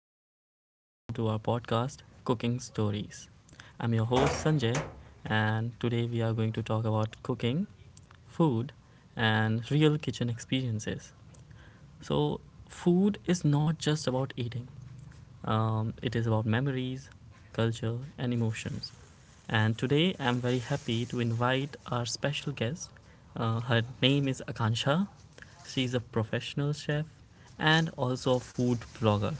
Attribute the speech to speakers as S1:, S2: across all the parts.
S1: everyone. Welcome to our podcast, Cooking Stories. I'm your host, Sanjay, and today we are going to talk about cooking, food, and real kitchen experiences. So, food is not just about eating, it is about memories, culture, and emotions. And today I'm very happy to invite our special guest. Her name is Akansha. She's a professional chef and also a food blogger.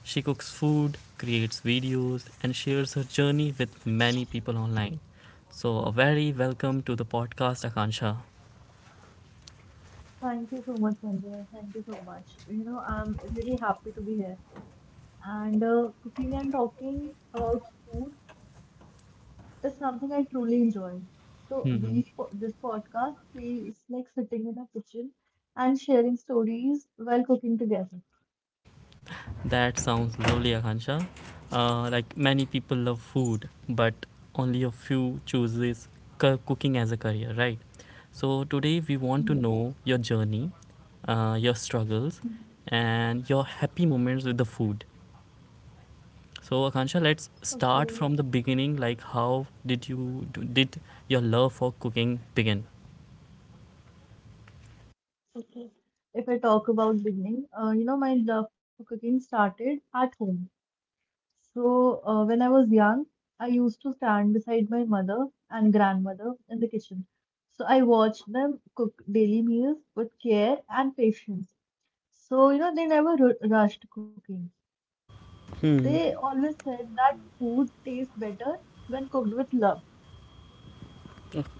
S1: She cooks food, creates videos, and shares her journey with many people online. So, a very welcome to the podcast, Akansha.
S2: Thank you so much, Sanjay. Thank you so much. I'm really happy to be here. And cooking and talking about food is something I truly enjoy. So these po-
S1: Hmm,
S2: this podcast feels like sitting in a kitchen and sharing stories while cooking together.
S1: that sounds lovely, Akansha. Like many people love food, but only a few chooses cooking as a career, right? So, today we
S2: Hmm.
S1: want to know your journey, your struggles, and your happy moments with the food. So Akansha, let's
S2: Okay,
S1: start from the beginning. Like, how did did your love for cooking begin?
S2: okay. If I talk about beginning, my love for cooking started at home. So, when I was young, I used to stand beside my mother and grandmother in the kitchen. So, I watched them cook daily meals with care and patience. So, they never rushed cooking. They
S1: Hmm.
S2: always said that food tastes better when cooked with love.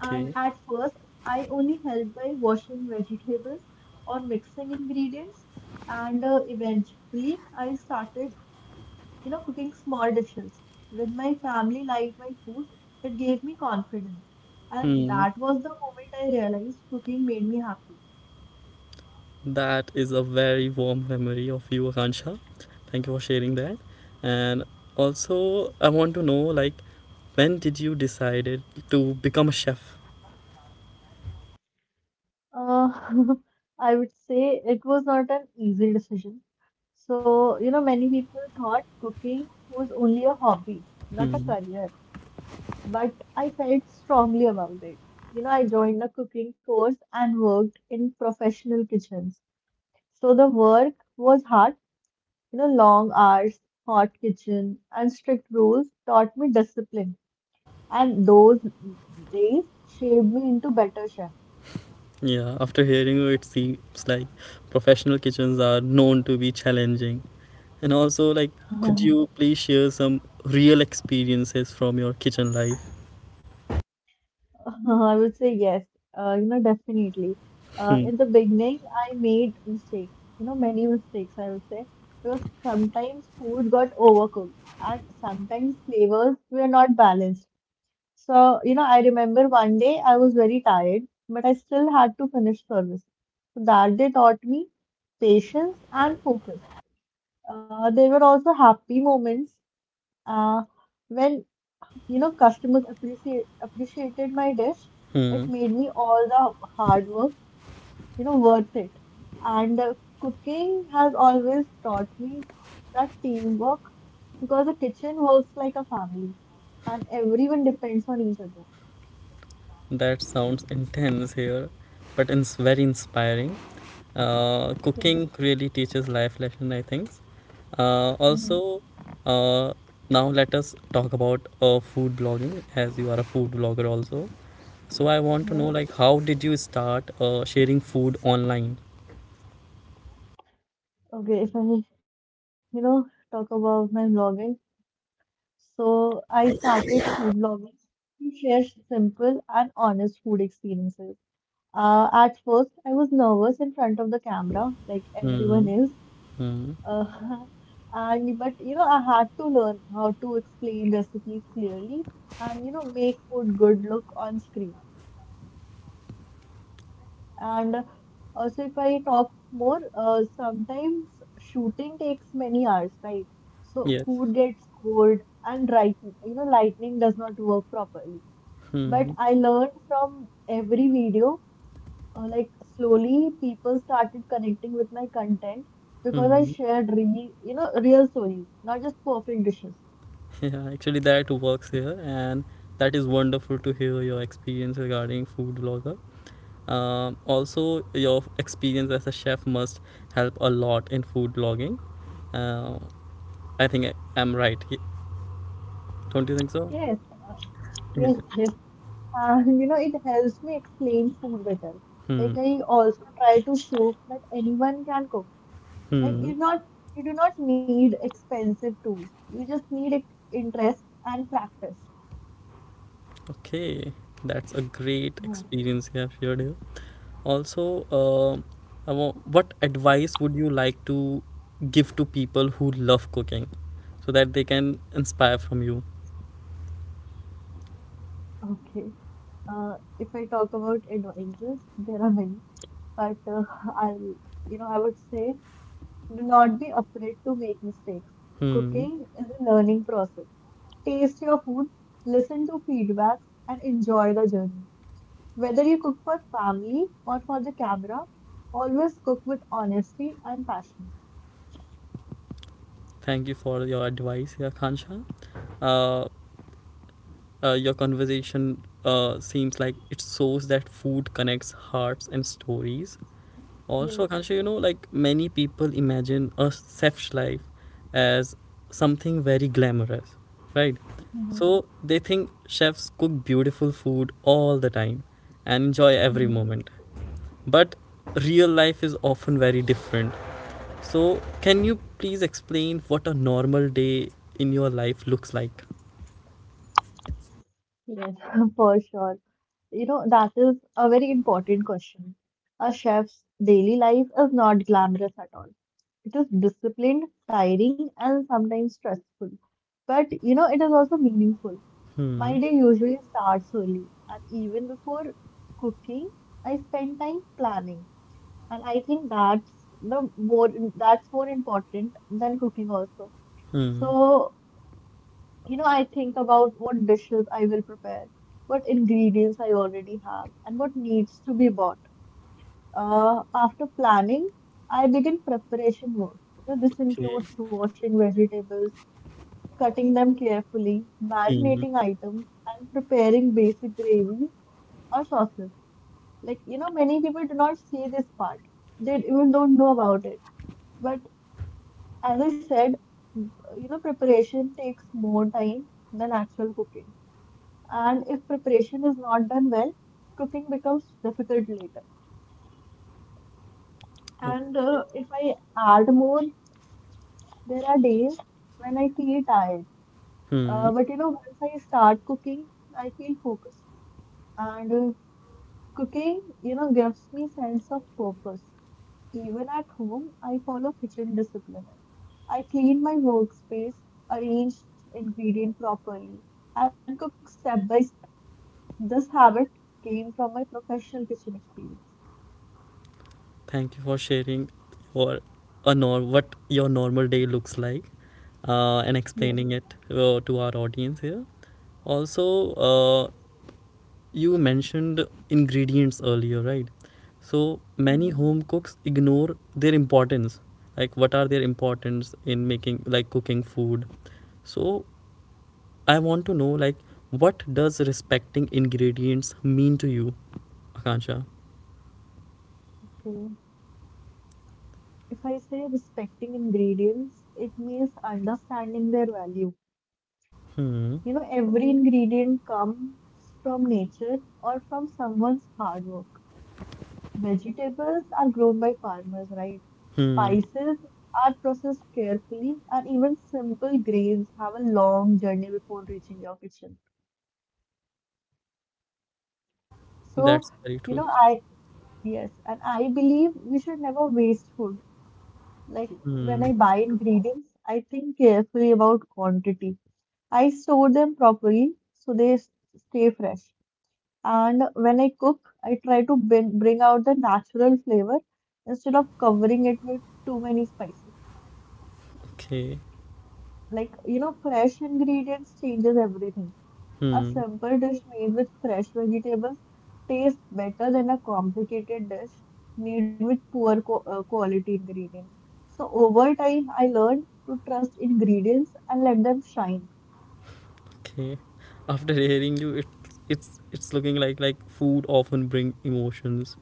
S2: And at first, I only helped by washing vegetables or mixing ingredients. And eventually, I started cooking small dishes. When my family liked my food, it gave me confidence. And
S1: Hmm.
S2: that was the moment I realized cooking made me happy.
S1: That is a very warm memory of you, Akansha. Thank you for sharing that. And also, I want to know, like, when did you decided to become a chef?
S2: Uh, I would say it was not an easy decision. So, many people thought cooking was only a hobby, not a
S1: Hmm.
S2: career, but I felt strongly about it. I joined a cooking course and worked in professional kitchens. So the work was hard. Long hours, hot kitchen, and strict rules taught me discipline, and those days shaped me into better chef.
S1: Yeah. After hearing you, it seems like professional kitchens are known to be challenging. And also, like, could you please share some real experiences from your kitchen life?
S2: I would say yes, definitely. In the beginning, I made mistakes, many mistakes, I would say, because sometimes food got overcooked and sometimes flavors were not balanced. So, I remember one day I was very tired, but I still had to finish service. So that day taught me patience and focus. There were also happy moments uh, when, customers appreciated my dish.
S1: Hmm,
S2: It made me all the hard work, worth it. And cooking has always taught me that teamwork because the kitchen works like a family and everyone depends on each other.
S1: that sounds intense here, but it's very inspiring.
S2: Yeah.
S1: Cooking really teaches life lesson, I think. Uh, also,
S2: Mhm.
S1: uh, Now let us talk about food blogging, as you are a food blogger also. So I want to know, like,
S2: Yes.
S1: how did you start sharing food online?
S2: Okay, if I talk about my vlogging, so I started food vlogging to share simple and honest food experiences. At first, I was nervous in front of the camera, like everyone is. Uh, and but you know, I had to learn how to explain recipes clearly and make food good look on screen. And also, if I talk more, sometimes shooting takes many hours, right? So
S1: Yes.
S2: food gets cold and right, lightning does not work properly. But
S1: Hmm.
S2: I learned from every video, like slowly people started connecting with my content because I
S1: Hmm.
S2: shared real, real stories, not just perfect dishes.
S1: Yeah, actually that works here, and that is wonderful to hear your experience regarding food blogger. Also, your experience as a chef must help a lot in food blogging. Uh, I think I'm right. Don't you think so?
S2: Yes,
S1: Yeah.
S2: yes, yes. And it helps me explain food better.
S1: Hmm.
S2: Like I also try to show that anyone can cook. Like
S1: Hmm.
S2: you do not need expensive tools. You just need interest and practice.
S1: Okay, that's a great
S2: Yeah.
S1: experience you have shared here. Also, what advice would you like to give to people who love cooking, so that they can inspire from you?
S2: Okay. If I talk about advisors, there are many, but I'll, I would say do not be afraid to make mistakes.
S1: Hmm.
S2: Cooking is a learning process. Taste your food, listen to feedbacks, and enjoy the journey. Whether you cook for family or for the camera, always cook with honesty and passion.
S1: Thank you for your advice, yeah, Khansha. Uh, your conversation seems like it shows that food connects hearts and stories. Also,
S2: Yes.
S1: Khansha, you know, like many people imagine a chef's life as something very glamorous, right? So they think chefs cook beautiful food all the time and enjoy every
S2: Mhm.
S1: moment. But real life is often very different. So, can you please explain what a normal day in your life looks like?
S2: Yes, for sure. That is a very important question. A chef's daily life is not glamorous at all. It is disciplined, tiring, and sometimes stressful. But, it is also meaningful.
S1: Hmm.
S2: My day usually starts early, and even before cooking, I spend time planning. And I think that's the more that's more important than cooking also.
S1: Hmm.
S2: So I think about what dishes I will prepare, what ingredients I already have, and what needs to be bought. After planning, I begin preparation work. This
S1: Okay.
S2: includes washing vegetables, cutting them carefully,
S1: Hmm.
S2: marinating items, and preparing basic gravies or sauces. Like, many people do not see this part. They even don't know about it. But as I said, preparation takes more time than actual cooking. And if preparation is not done well, cooking becomes difficult later. And
S1: Okay.
S2: uh, if I add more, there are days when I feel tired.
S1: Hmm.
S2: But once I start cooking, I feel focused. And cooking, gives me sense of purpose. Even at home, I follow kitchen discipline. I clean my workspace, arrange ingredient properly, and cook step by step. This habit came from my professional kitchen experience.
S1: Thank you for sharing your a nor- what your normal day looks like and explaining
S2: Yes.
S1: it to our audience here. Also, you mentioned ingredients earlier, right? So many home
S2: Mm-hmm.
S1: cooks ignore their importance. Like, what are their importance in making, like, cooking food? So, I want to know like what does respecting ingredients mean to you, Akansha?
S2: Okay. If I say respecting ingredients, it means understanding their value.
S1: Hmm.
S2: Every ingredient comes from nature or from someone's hard work. Vegetables are grown by farmers, right?
S1: Hmm.
S2: Spices are processed carefully, and even simple grains have a long journey before reaching your kitchen. So,
S1: That's very
S2: you
S1: true.
S2: know, I, yes, and I believe we should never waste food. Like when
S1: Hmm.
S2: I buy ingredients, I think carefully about quantity. I store them properly so stay fresh. And when I cook, I try to bring out the natural flavor instead of covering it with too many spices.
S1: Okay.
S2: Like, fresh ingredients changes everything. A
S1: Hmm.
S2: simple dish made with fresh vegetables tastes better than a complicated dish made with poor qu- quality ingredients. So over time, I learned to trust ingredients and let them shine.
S1: Okay. After hearing you, it's looking like food often bring emotions.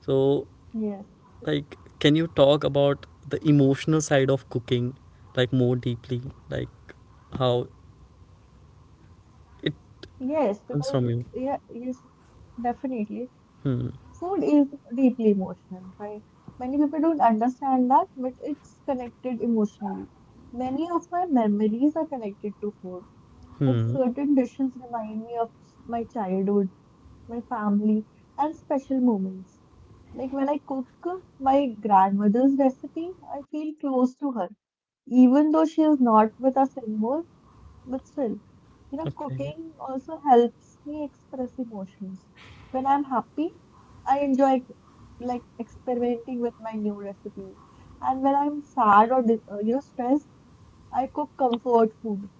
S1: So
S2: Yes.
S1: like, can you talk about the emotional side of cooking, like more deeply, like how it
S2: Yes,
S1: comes
S2: because
S1: from you?
S2: yeah, yes, Definitely.
S1: Hmm.
S2: Food is deeply emotional, right? Many people don't understand that, but it's connected emotionally. Many of my memories are connected to food. Like
S1: Hmm.
S2: certain dishes remind me of my childhood, my family, and special moments. Like when I cook my grandmother's recipe, I feel close to her, even though she is not with us anymore. But still,
S1: Okay.
S2: cooking also helps me express emotions. When I'm happy, I enjoy like experimenting with my new recipe. And when I'm sad or stressed, I cook comfort food.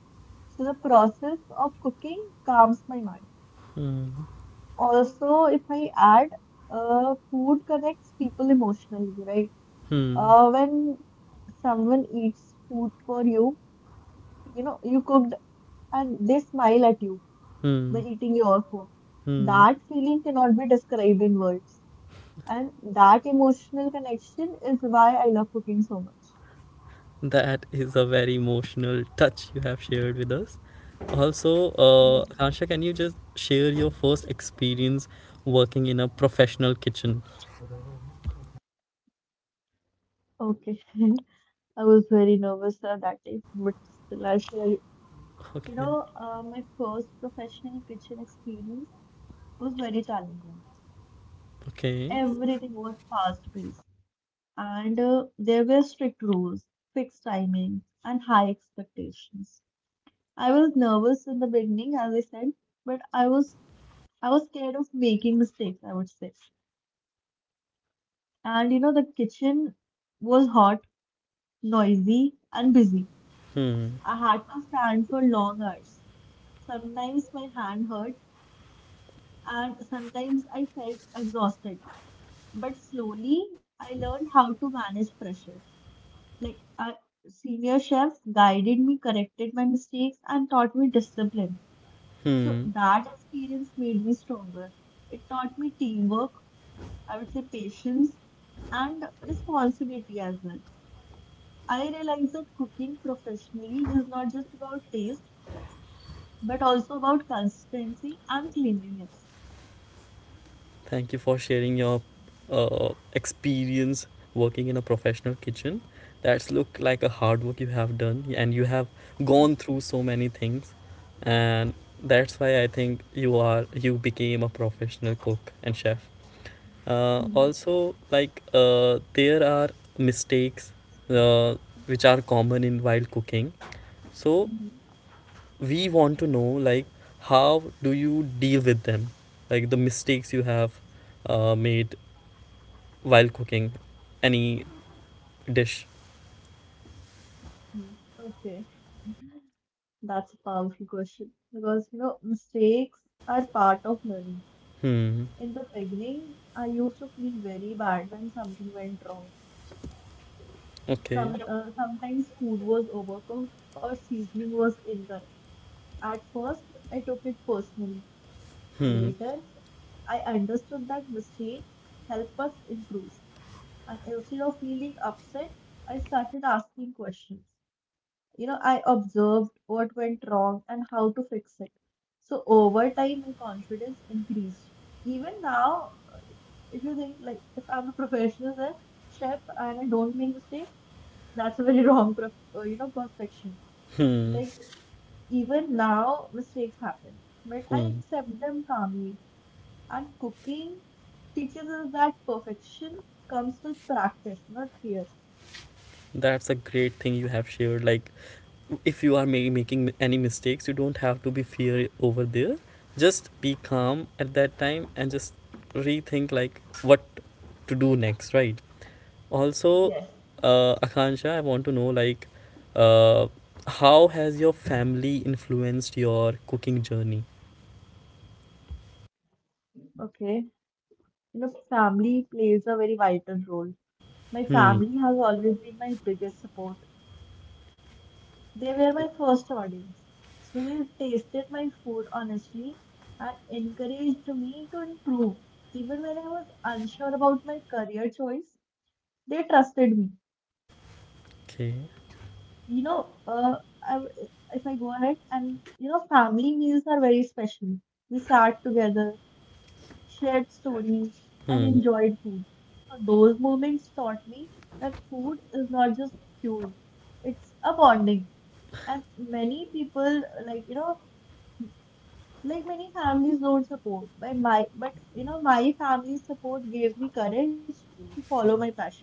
S2: So the process of cooking calms my mind.
S1: Hmm.
S2: Also, if I add, food connects people emotionally, right?
S1: Hmm.
S2: When someone eats food for you, you cooked and they smile at you by
S1: Hmm.
S2: eating your food.
S1: Hmm.
S2: That feeling cannot be described in words. And that emotional connection is why I love cooking so much.
S1: That is a very emotional touch you have shared with us. Also,
S2: Yes.
S1: Akansha, can you just share your first experience working in a professional kitchen?
S2: Okay. I was very nervous that day, but still I share.
S1: Okay.
S2: My first professional kitchen experience was very challenging.
S1: Okay.
S2: Everything was fast-paced, and there were strict rules, fixed timing, and high expectations. I was nervous in the beginning, as I said, but I was scared of making mistakes, I would say. And the kitchen was hot, noisy, and busy.
S1: Hmm.
S2: I had to stand for long hours. Sometimes my hand hurt and sometimes I felt exhausted. But slowly I learned how to manage pressure. Like a senior chef guided me, corrected my mistakes, and taught me discipline. So
S1: Hmm.
S2: that experience made me stronger. It taught me teamwork, I would say patience, and responsibility as well. I realized that cooking professionally is not just about taste but also about consistency and cleanliness.
S1: Thank you for sharing your experience working in a professional kitchen. That's look like a hard work you have done, and you have gone through so many things, and that's why I think you became a professional cook and chef. Uh,
S2: Mhm,
S1: also, like uh, there are mistakes uh, which are common in while cooking. So
S2: mhm,
S1: we want to know like how do you deal with them, like the mistakes you have made while cooking any dish.
S2: mhm. Okay, that's a powerful question because mistakes are part of learning.
S1: Hmm.
S2: In the beginning, I used to feel very bad when something went wrong.
S1: Okay.
S2: Sometimes food was overcooked or seasoning was incorrect. At first, I took it personally.
S1: Hmm.
S2: Later, I understood that mistakes help us improve, and instead of feeling upset, I started asking questions. I observed what went wrong and how to fix it. So over time, my confidence increased. Even now, if you think like if I'm a professional chef and I don't make mistake, that's a very wrong, perception.
S1: Hmm.
S2: Like even now, mistakes happen, but I
S1: Hmm.
S2: accept them calmly. And cooking teaches us that perfection comes with practice, not fear.
S1: That's a great thing you have shared. Like if you are making any mistakes you don't have to be fear over there, just be calm at that time and just rethink like what to do next, right?
S2: Yes.
S1: Also, Akansha, I want to know, like, uh, how has your family influenced your cooking journey?
S2: Okay, family plays a very vital role. My
S1: Hmm.
S2: family has always been my biggest support. They were my first audience. So they tasted my food honestly and encouraged me to improve. Even when I was unsure about my career choice, they trusted me.
S1: Okay.
S2: You know, uh, I, if I go ahead and, family meals are very special. We sat together, shared stories, and enjoyed
S1: Hmm.
S2: food. So those moments taught me that food is not just fuel, it's a bonding. And many people like like many families don't support, but my but you know my family's support gave me courage to follow my passion.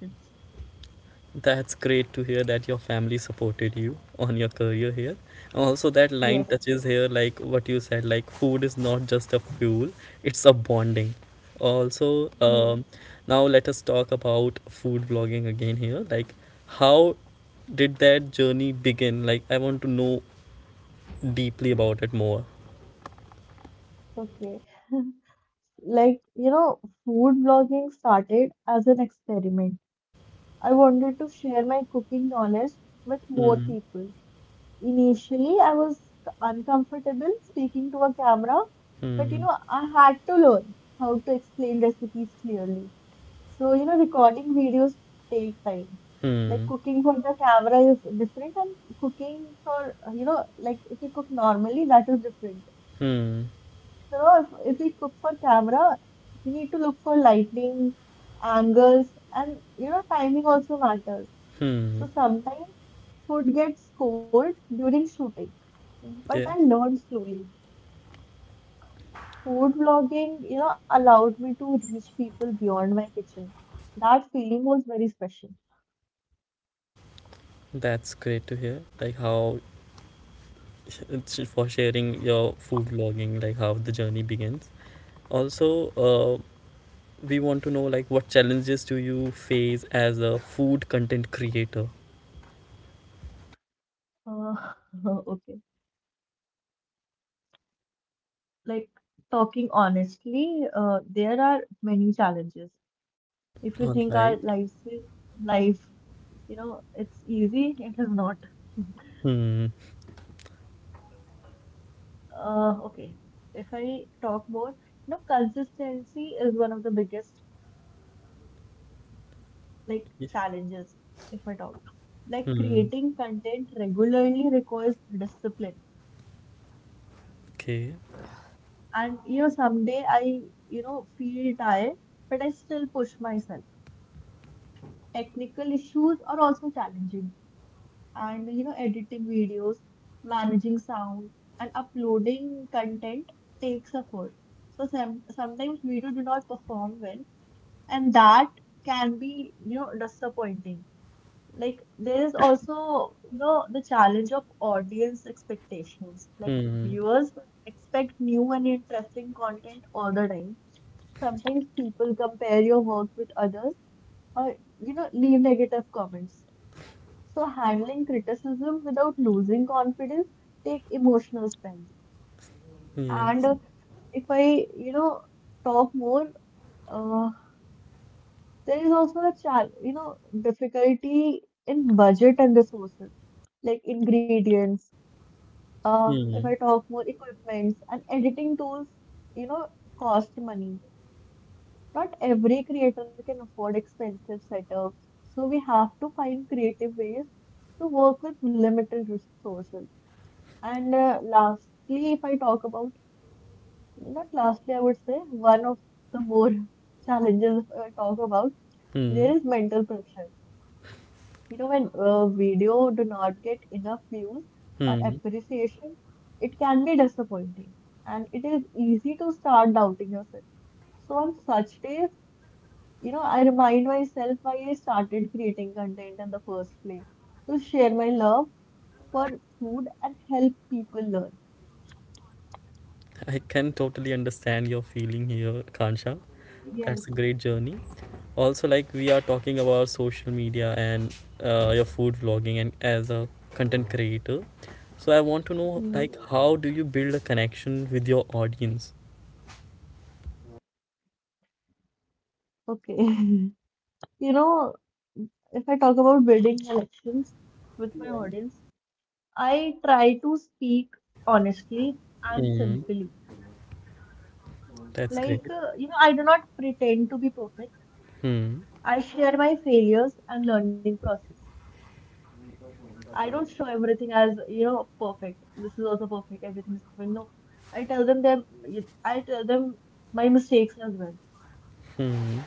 S1: That's great to hear that your family supported you on your career here. Also, that line
S2: Yes,
S1: touches here, like what you said, like food is not just a fuel, it's a bonding. Also,
S2: yes,
S1: now let us talk about food blogging again here. Like, how did that journey begin? Like, I want to know deeply about it more.
S2: okay. like you know Food blogging started as an experiment. I wanted to share my cooking knowledge with more
S1: Hmm.
S2: people. Initially I was uncomfortable speaking to a camera, but
S1: Hmm.
S2: I had to learn how to explain recipes clearly. So, recording videos take time. Like
S1: Hmm.
S2: cooking for the camera is different, and cooking for, like if you cook normally, that is different.
S1: Hmm.
S2: So, if we cook for camera, we need to look for lighting, angles, and, you know, timing also matters.
S1: Hmm.
S2: So, sometimes food gets cold during shooting,
S1: Yeah,
S2: but I learned slowly. Food vlogging, you know, allowed me to reach people beyond my kitchen. That feeling was very special.
S1: that's great to hear. Like how It's for sharing your food logging, like how the journey begins. Also, we want to know like what challenges do you face as a food content creator?
S2: Uh, okay. Like talking honestly, there are many challenges. If you
S1: All
S2: think our
S1: right.
S2: lives is life, you know, it's easy, it is not.
S1: Hmm.
S2: Okay. If I talk more, you know, consistency is one of the biggest
S1: Y-
S2: challenges. If I talk, like
S1: Hmm.
S2: creating content regularly requires discipline.
S1: Okay.
S2: And you know, someday I feel tired, but I still push myself. Technical issues are also challenging and you know editing videos, managing sound and uploading content takes effort. So sometimes video do not perform well and that can be, you know, disappointing. Like there is also, you know, the challenge of audience expectations. Like
S1: Hmm.
S2: viewers expect new and interesting content all the time. Sometimes people compare your work with others or you know leave negative comments. So, handling criticism without losing confidence take emotional strength. And
S1: Yes.
S2: If I, you know, talk more, uh, there is also a chal you know, difficulty in budget and resources, like ingredients. If I
S1: Hmm.
S2: talk more, equipments and editing tools, you know, cost money. Not every creator can afford expensive setups, so we have to find creative ways to work with limited resources. And Lastly, if I talk about, not lastly, I would say one of the more challenges if I talk about,
S1: Hmm.
S2: there is mental pressure. You know, when a video do not get enough views or
S1: Hmm.
S2: appreciation, it can be disappointing and it is easy to start doubting yourself. So on such days, you know, I remind myself why I started creating content in the first place, to share my love for food and help people learn.
S1: I can totally understand your feeling here, Kansha. That's
S2: Yes.
S1: a great journey. Also, like we are talking about social media and your food vlogging and as a content creator. So I want to know
S2: Mm-hmm.
S1: like how do you build a connection with your audience?
S2: Okay. You know, if I talk about building connections with my audience, I try to speak honestly and
S1: Hmm.
S2: simply.
S1: That's great.
S2: Like, you know, I do not pretend to be perfect.
S1: Hmm.
S2: I share my failures and learning process. I don't show everything as, you know, perfect. This is also perfect. Everything is perfect. No. I tell them I tell them my mistakes as well.
S1: Hmm.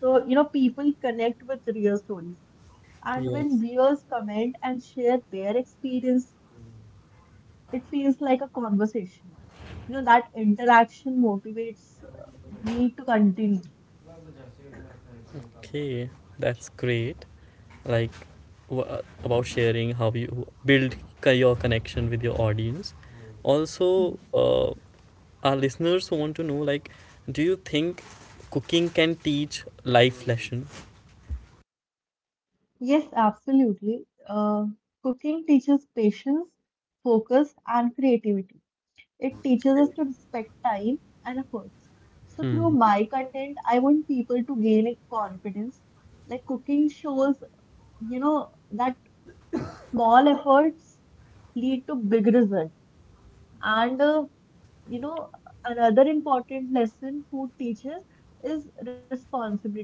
S2: So, you know, people connect with real stories. And when
S1: Yes.
S2: viewers comment and share their experience, it feels like a conversation. You know, that interaction motivates me to continue.
S1: Okay, that's great. Like about sharing how you build your connection with your audience. Also,
S2: Hmm.
S1: our listeners want to know like do you think cooking can teach life lesson?
S2: Yes, absolutely. Cooking teaches patience, focus, and creativity. It teaches us to respect time and efforts. So, through
S1: Hmm.
S2: my content, I want people to gain confidence. Like cooking shows, you know, that small efforts lead to big results. And you know, another important lesson food teaches is responsibility.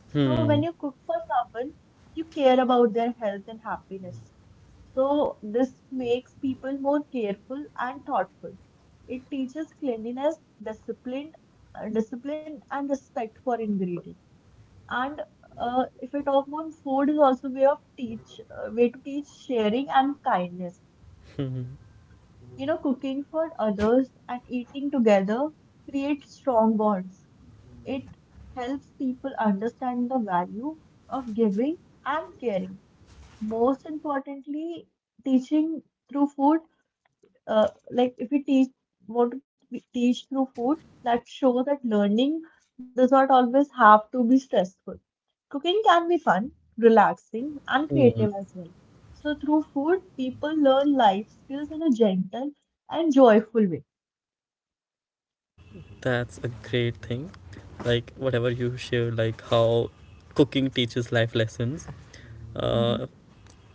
S2: So when you
S1: Hmm.
S2: cook for someone, you care about their health and happiness. So this makes people more careful and thoughtful. It teaches cleanliness, discipline, discipline and respect for ingredients. And If we talk about food, is also way of teach, way to teach sharing and kindness. You know, cooking for others and eating together creates strong bonds. It helps people understand the value of giving and caring. Most importantly, teaching through food, like if we teach, teach through food, that shows that learning does not always have to be stressful. Cooking can be fun, relaxing, and creative
S1: Hmm.
S2: as well. So, through food, people learn life skills in a gentle and joyful way.
S1: That's a great thing. Like whatever you share like how cooking teaches life lessons.
S2: Mm-hmm.
S1: uh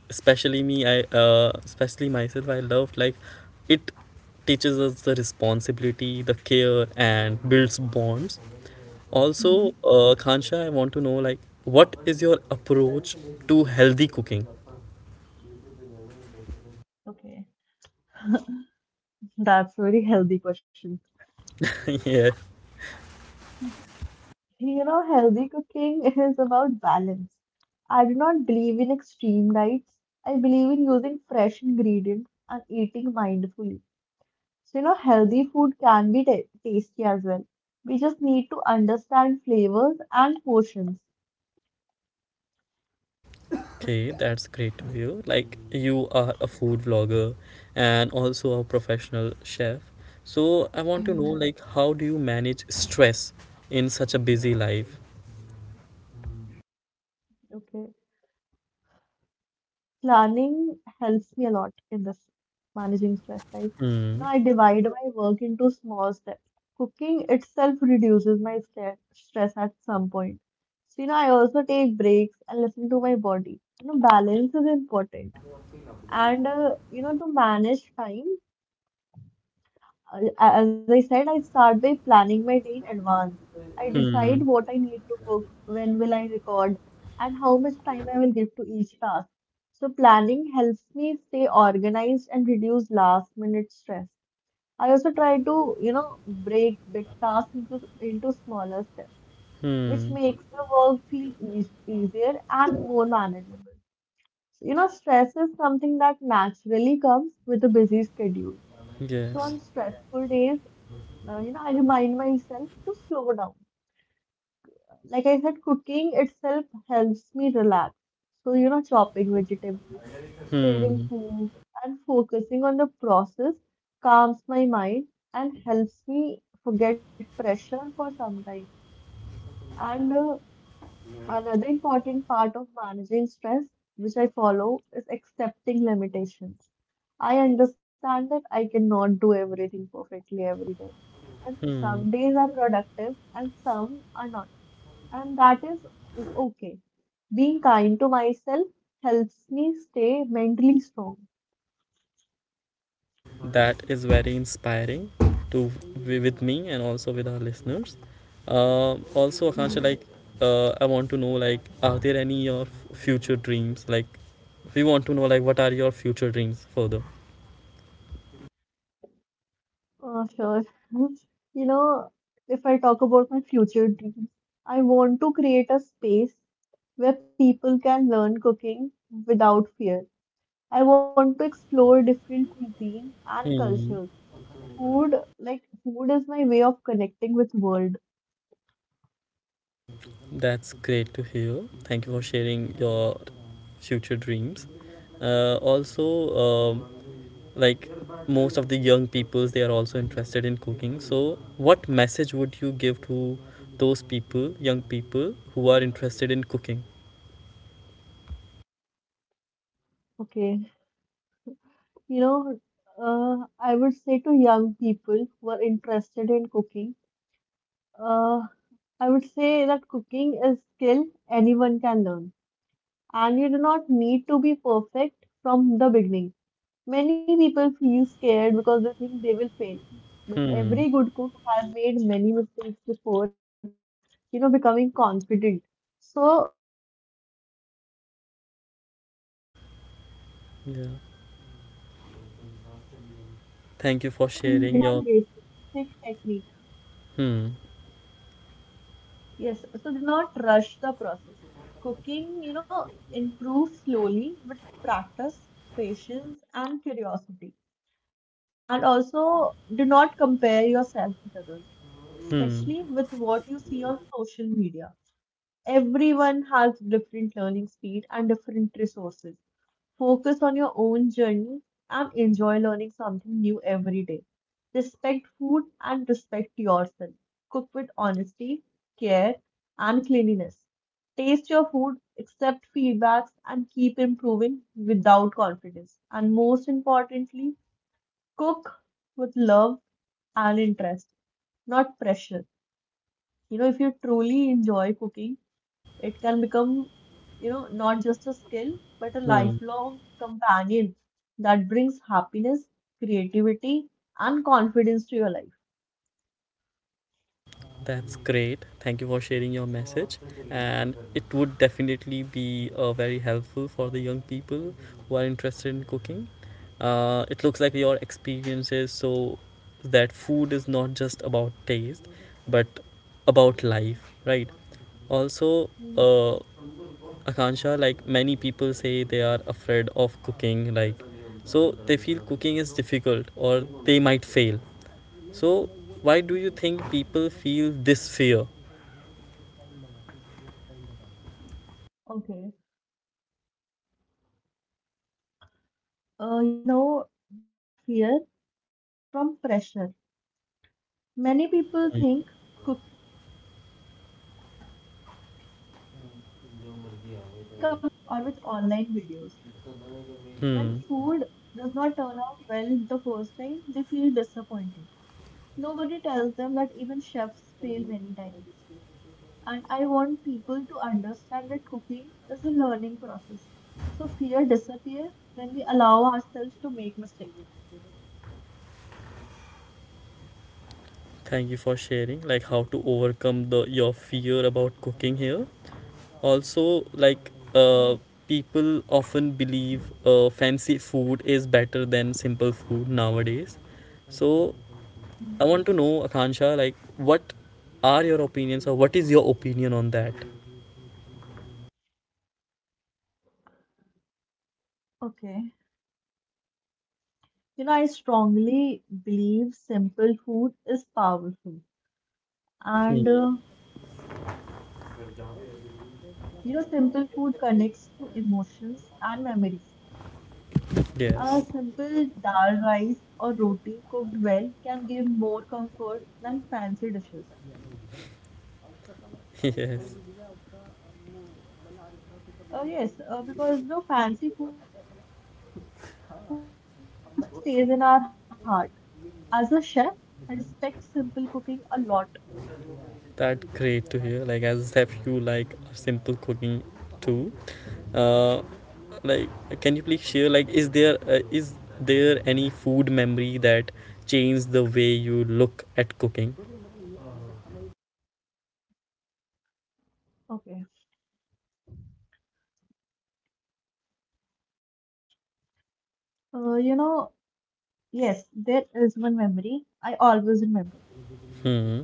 S1: Especially me I especially myself, I loved like it teaches us the responsibility, the care, and builds bonds. Also,
S2: Mm-hmm.
S1: Kansha, I want to know like what is your approach to healthy cooking?
S2: Okay, that's a very healthy question.
S1: Yeah.
S2: You know, healthy cooking is about balance. I do not believe in extreme diets. I believe in using fresh ingredients and eating mindfully. So, you know, healthy food can be ta tasty as well. We just need to understand flavors and portions.
S1: Okay, that's great to hear. Like, you are a food vlogger and also a professional chef. So, I want to know,
S2: Mm-hmm.
S1: like, how do you manage stress in such a busy life?
S2: Okay. Planning helps me a lot in this managing stress, right?
S1: Hmm.
S2: You know, I divide my work into small steps. Cooking itself reduces my stress at some point. So, you know, I also take breaks and listen to my body. You know, balance is important. And, you know, to manage time, as I said, I start by planning my day in advance. I
S1: Hmm.
S2: decide what I need to cook, when will I record, and how much time I will give to each task. So planning helps me stay organized and reduce last minute stress. I also try to, you know, break big tasks into smaller steps, which
S1: Hmm.
S2: makes the work feel easier and more manageable. So, you know, stress is something that naturally comes with a busy schedule. So
S1: Yes.
S2: on stressful days, you know, I remind myself to slow down. Like I said, cooking itself helps me relax. So, you know, chopping vegetables, stirring
S1: Hmm.
S2: food, and focusing on the process calms my mind and helps me forget pressure for some time. And Another important part of managing stress, which I follow, is accepting limitations. I understand that I cannot do everything perfectly every day, and
S1: Hmm.
S2: some days are productive and some are not. And that is okay. Being kind to myself helps me stay mentally strong.
S1: That is very inspiring to with me and also with our listeners. Also,
S2: Mhm.
S1: Akansha, like I want to know like are there any your future dreams? Like we want to know like what are your future dreams further?
S2: Oh, sure. You know, if I talk about my future dreams, I want to create a space where people can learn cooking without fear. I want to explore different cuisine and
S1: Hmm.
S2: cultures. Food, like food is my way of connecting with world.
S1: That's great to hear. Thank you for sharing your future dreams. uh, also
S2: Mhm.
S1: um, like most of the young peoples they are also interested in cooking, so what message would you give to those people, young people who are interested in cooking?
S2: Okay. You know, I would say to young people who are interested in cooking, uh, I would say that cooking is skill anyone can learn, and you do not need to be perfect from the beginning. Many people feel scared because they think they will fail, but
S1: Hmm.
S2: every good cook has made many mistakes before, you know, becoming confident. So start with simple dishes and take small steps. Learn how ingredients work together
S1: Thank you
S2: and
S1: for sharing
S2: understand
S1: your.
S2: basic technique.
S1: Hmm.
S2: Yes, so do not rush the process. Cooking, you know, improves slowly with practice, patience, and curiosity. And also, do not compare yourself with others,
S1: Hmm.
S2: especially with what you see on social media. Everyone has different learning speed and different resources. Focus on your own journey and enjoy learning something new every day. Respect food and respect yourself. Cook with honesty, care, and cleanliness. Taste your food, accept feedbacks, and keep improving without confidence. And most importantly, cook with love and interest, not pressure. You know, if you truly enjoy cooking, it can become, you know, not just a skill, but a
S1: Hmm.
S2: lifelong companion that brings happiness, creativity, and confidence to your life.
S1: That's great. Thank you for sharing your message. And it would definitely be very helpful for the young people who are interested in cooking. It looks like your experiences so that food is not just about taste, but about life, right? Also, uh,
S2: Mhm.
S1: Akansha, like many people say, they are afraid of cooking, like so they feel cooking is difficult or they might fail. So, why do you
S2: Mhm.
S1: think people feel this fear?
S2: Okay. You know, that fear comes from pressure. Many people think cooking must be perfect. They compare their food with others or with online videos. When
S1: Hmm.
S2: food does not turn out well the first time, they feel disappointed. Nobody tells them that even chefs fail many times. And I want people to understand that cooking is a learning process. So fear disappears when we allow ourselves to make mistakes.
S1: Thank you for sharing, like how to overcome the your fear about cooking here. Also, like
S2: Yes.
S1: people often believe fancy food is better than simple food nowadays. So
S2: Mhm.
S1: I want to know, Akansha, like what are your opinions, or what is your opinion on that?
S2: Okay. You know, I strongly believe simple food is powerful. And,
S1: Hmm.
S2: uh, you know, simple food connects to emotions and memories. A
S1: Yes.
S2: simple dal rice or roti cooked well can give more comfort than fancy dishes.
S1: Yes.
S2: Yes, because the fancy food looks attractive, but simple food stays in our heart. As a chef, I respect simple cooking a lot.
S1: That's great to hear. Like as if you like simple cooking too. Uh, like can you please share, like is there any food memory that changed the way you look at cooking?
S2: Okay. You know, yes, there is one memory I always remember.
S1: Hmm.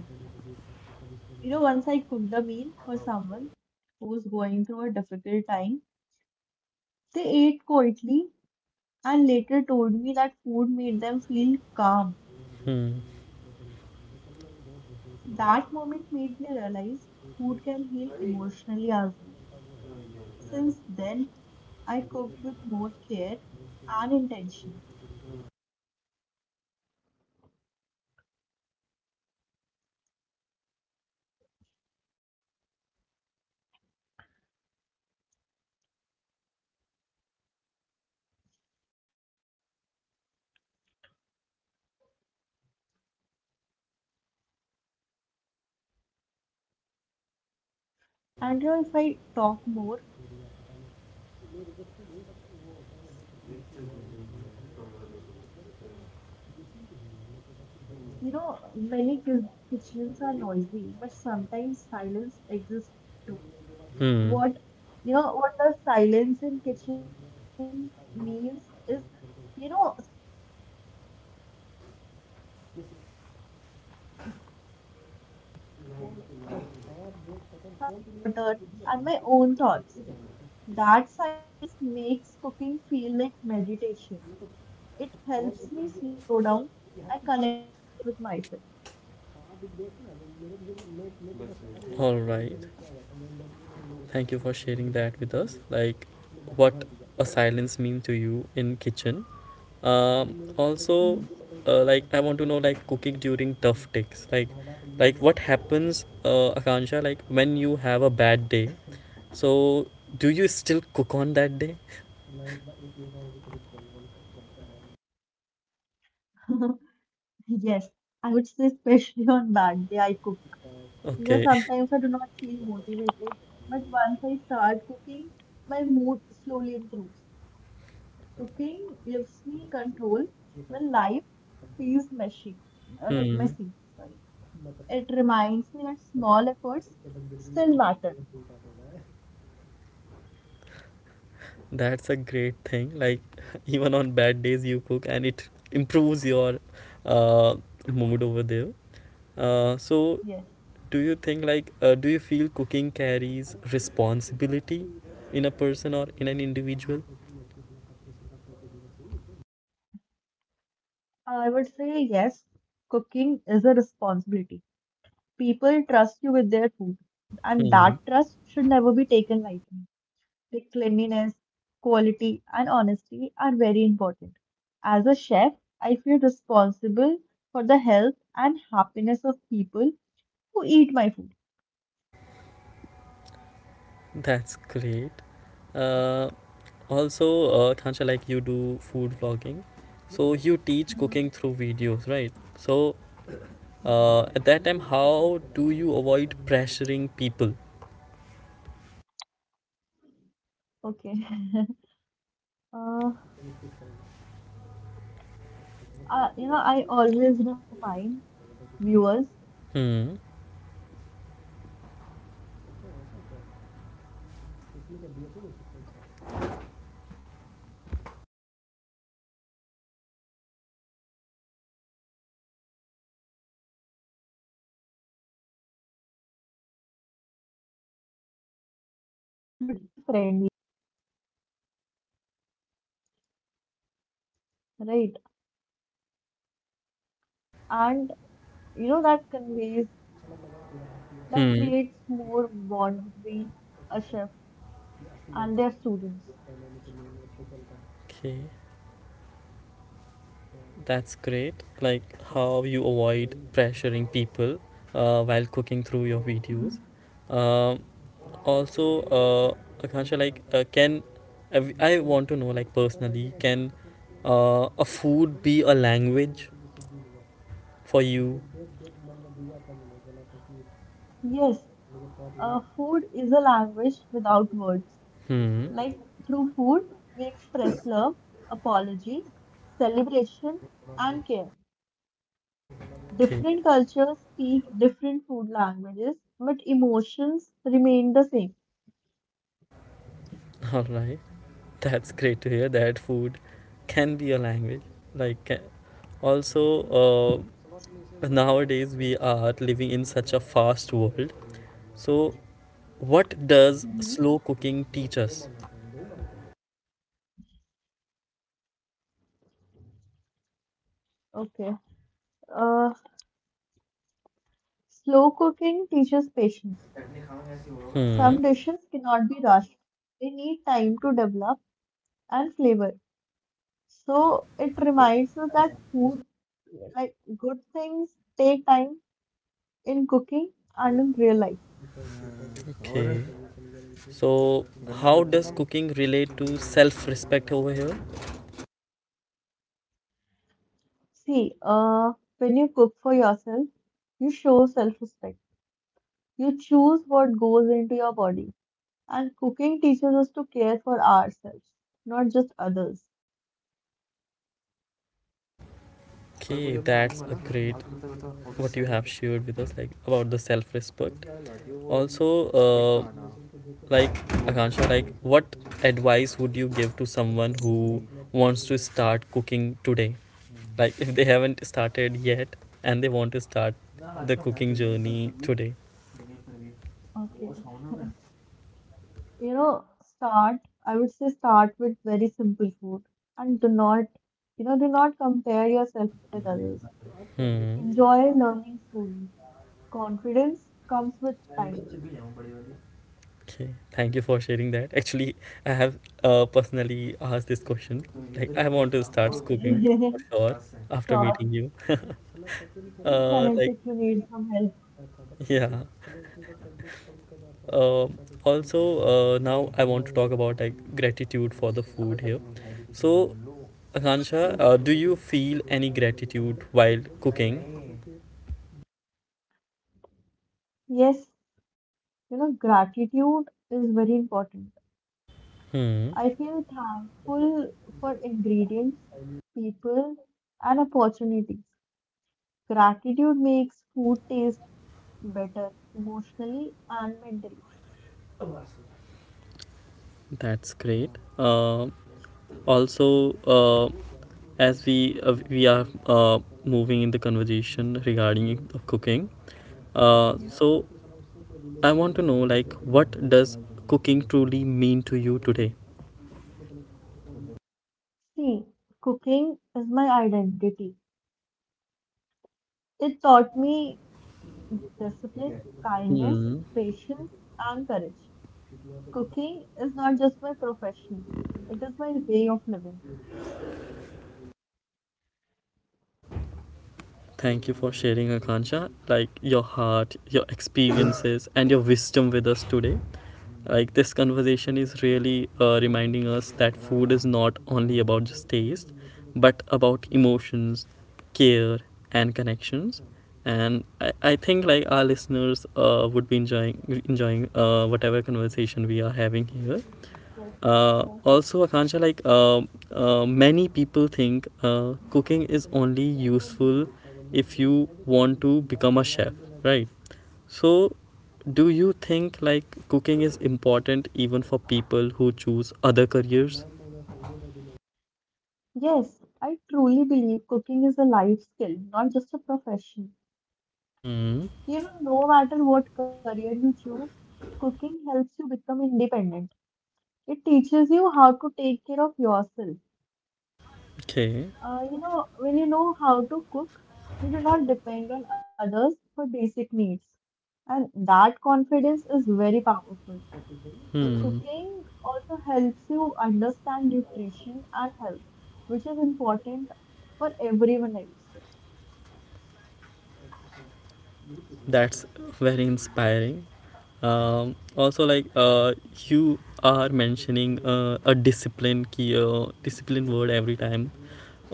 S2: You know, once I cooked a meal for someone who was going through a difficult time, they ate quietly and later told me that food made them feel calm.
S1: Hmm.
S2: That moment made me realize food can heal emotionally as well. Since then, I cook with more care and intention. And you know, if I talk more, you know, many kitchens are noisy, but sometimes silence exists too.
S1: Hmm.
S2: What you know, what the silence in kitchen means is, you know, silence in the kitchen is very powerful. When I cook alone, the silence helps me focus. I hear chopping sound, boiling water, and my own thoughts. That silence makes cooking feel like meditation. It helps me slow down and connect with myself.
S1: All right. Thank you for sharing that with us. Like what a silence mean to you in kitchen. Also,
S2: Mhm.
S1: like I want to know like cooking during tough days. Like what happens, Akansha? Like when you have a bad day. So, do you still
S2: Mhm.
S1: cook on that day?
S2: Yes, I would say especially on bad day I cook. You know,
S1: Okay.
S2: sometimes I do not feel motivated, but once I start cooking, my mood slowly improves. Cooking gives me control when life feels messy,
S1: Hmm.
S2: like messy. Sorry. It reminds me that small efforts still matter.
S1: That's a great thing. Like, even on bad days, you cook and it improves your uh, mood over there. So, do you think,
S2: Yes,
S1: like, do you feel cooking carries responsibility in a person or in an individual?
S2: I would say yes, cooking is a responsibility. People trust you with their food, and
S1: Hmm.
S2: that trust should never be taken lightly. The cleanliness, quality, and honesty are very important. As a chef, I feel responsible for the health and happiness of people who eat my food.
S1: That's great. Uh, also, Khancha, like you do food vlogging, so you teach cooking
S2: Mm-hmm.
S1: through videos, right? So,
S2: Yeah.
S1: at that time, how do you avoid pressuring people?
S2: Okay. Uh, you know, I always remind viewers
S1: Hmm.
S2: like that cooking should be, you know, comfortable. I tell them it is okay if the dish does not look perfect. My goal is to encourage, not scare them. Cooking should feel friendly, not stressful, right? And that
S1: Hmm.
S2: creates more bond between a chef and their students.
S1: Okay. That's great. Like how you avoid pressuring people while cooking through your videos. Um, also, Akansha, like, can I want to know, like, personally, can a food be a language for you?
S2: Yes, food is a language without words.
S1: Hmm.
S2: Like through food, we express love, apology, celebration, and care.
S1: Okay.
S2: Different cultures speak different food languages, but emotions remain the same.
S1: All right. That's great to hear that food can be a language. Like, ca- Also, nowadays we are living in such a fast world. So, what
S2: hmm
S1: does slow cooking teach us?
S2: Okay. Uh, Slow cooking teaches patience.
S1: Hmm.
S2: Some dishes cannot be rushed. They need time to develop and flavor. So it reminds us that food, like good things, take time in cooking and in real life.
S1: Okay. So, how does cooking relate to self respect over here?
S2: See, when you cook for yourself, you show self-respect. You choose what goes into your body. And cooking teaches us to care for ourselves, not just others.
S1: Okay, that's a great what you have shared with us, like about the self respect. Also, like Akansha, like what advice would you give to someone who wants to start cooking today? Like, if they haven't started yet and they want to start the cooking journey today?
S2: Okay. You know, start, I would say start with very simple food and do not compare yourself with others.
S1: Hmm.
S2: Enjoy learning slowly. Confidence comes with time.
S1: Okay, thank you for sharing that. Actually, I have personally asked this question. Like, I want to start cooking for
S2: Okay.
S1: sure after
S2: Sure,
S1: meeting you.
S2: please
S1: uh,
S2: connect
S1: like,
S2: if you need some help.
S1: yeah. Um also, now I want to talk about like gratitude for the food here. So, Akansha, do you feel any gratitude while cooking?
S2: Yes, gratitude is very important.
S1: Hmm,
S2: I feel thankful for ingredients, people, and opportunities. Gratitude makes food taste better emotionally and mentally.
S1: that's great. Um also, uh, as we are uh, moving in the conversation regarding cooking. Uh,
S2: Mhm.
S1: so I want to know like what does cooking truly mean to you today?
S2: See, cooking is my identity. It taught me discipline, kindness,
S1: Hmm.
S2: patience, and courage. Cooking is not just my profession, it is my way of living.
S1: Thank you for sharing, Akansha. Like your heart, your experiences, and your wisdom with us today. Like this conversation is really reminding us that food is not only about just taste, but about emotions, care, and connections. And I think like our listeners would be enjoying whatever conversation we are having here.
S2: Yes, for sure.
S1: Also, Akansha, many people think cooking is only useful if you want to become a chef, right? So, do you think like cooking is important even for people who choose other careers?
S2: Yes, I truly believe cooking is a life skill, not just a profession.
S1: Hmm.
S2: No matter what career you choose, cooking helps you become independent. It teaches you how to take care of yourself.
S1: Okay.
S2: When you know how to cook, you do not depend on others for basic needs. And that confidence is very powerful.
S1: Hmm.
S2: Cooking also helps you understand nutrition and health, which is important for everyone, I would say.
S1: That's very inspiring. Also, you are mentioning a discipline word every time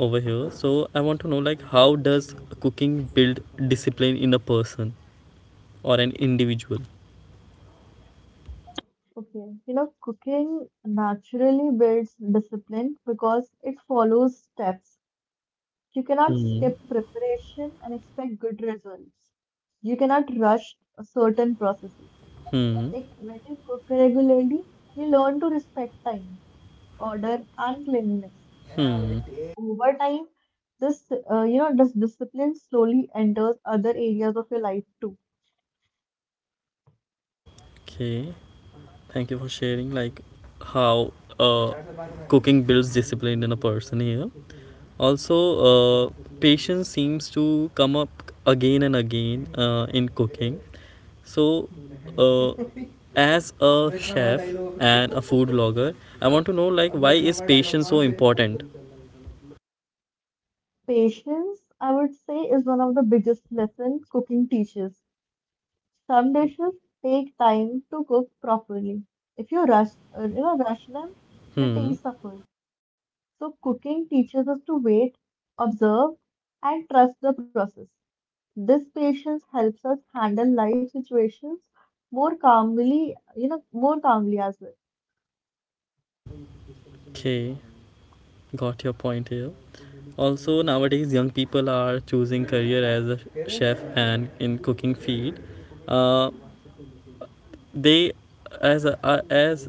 S1: over here. So I want to know like how does cooking build discipline in a person or an individual?
S2: Okay, cooking naturally builds discipline because it follows steps. You cannot
S1: Hmm.
S2: skip preparation and expect good results. You cannot rush a certain processes.
S1: Hmm.
S2: Like when you cook regularly, you learn to respect time, order, and cleanliness.
S1: Hmm.
S2: Over time, this this discipline slowly enters other areas of your life too.
S1: Okay. Thank you for sharing like how uh, cooking builds discipline in a person here. Also, uh, patience seems to come up again and again in cooking. So, uh, as a chef and a food blogger, I want to know like why is patience so important?
S2: Patience, I would say, is one of the biggest lessons cooking teaches. Some dishes take time to cook properly. If you rush them, the
S1: Hmm.
S2: taste suffers. So cooking teaches us to wait, observe, and trust the process. This patience helps us handle life situations more calmly, as well.
S1: Okay, got your point here. Also, nowadays young people are choosing career as a chef and in cooking field. Uh, they, as a, as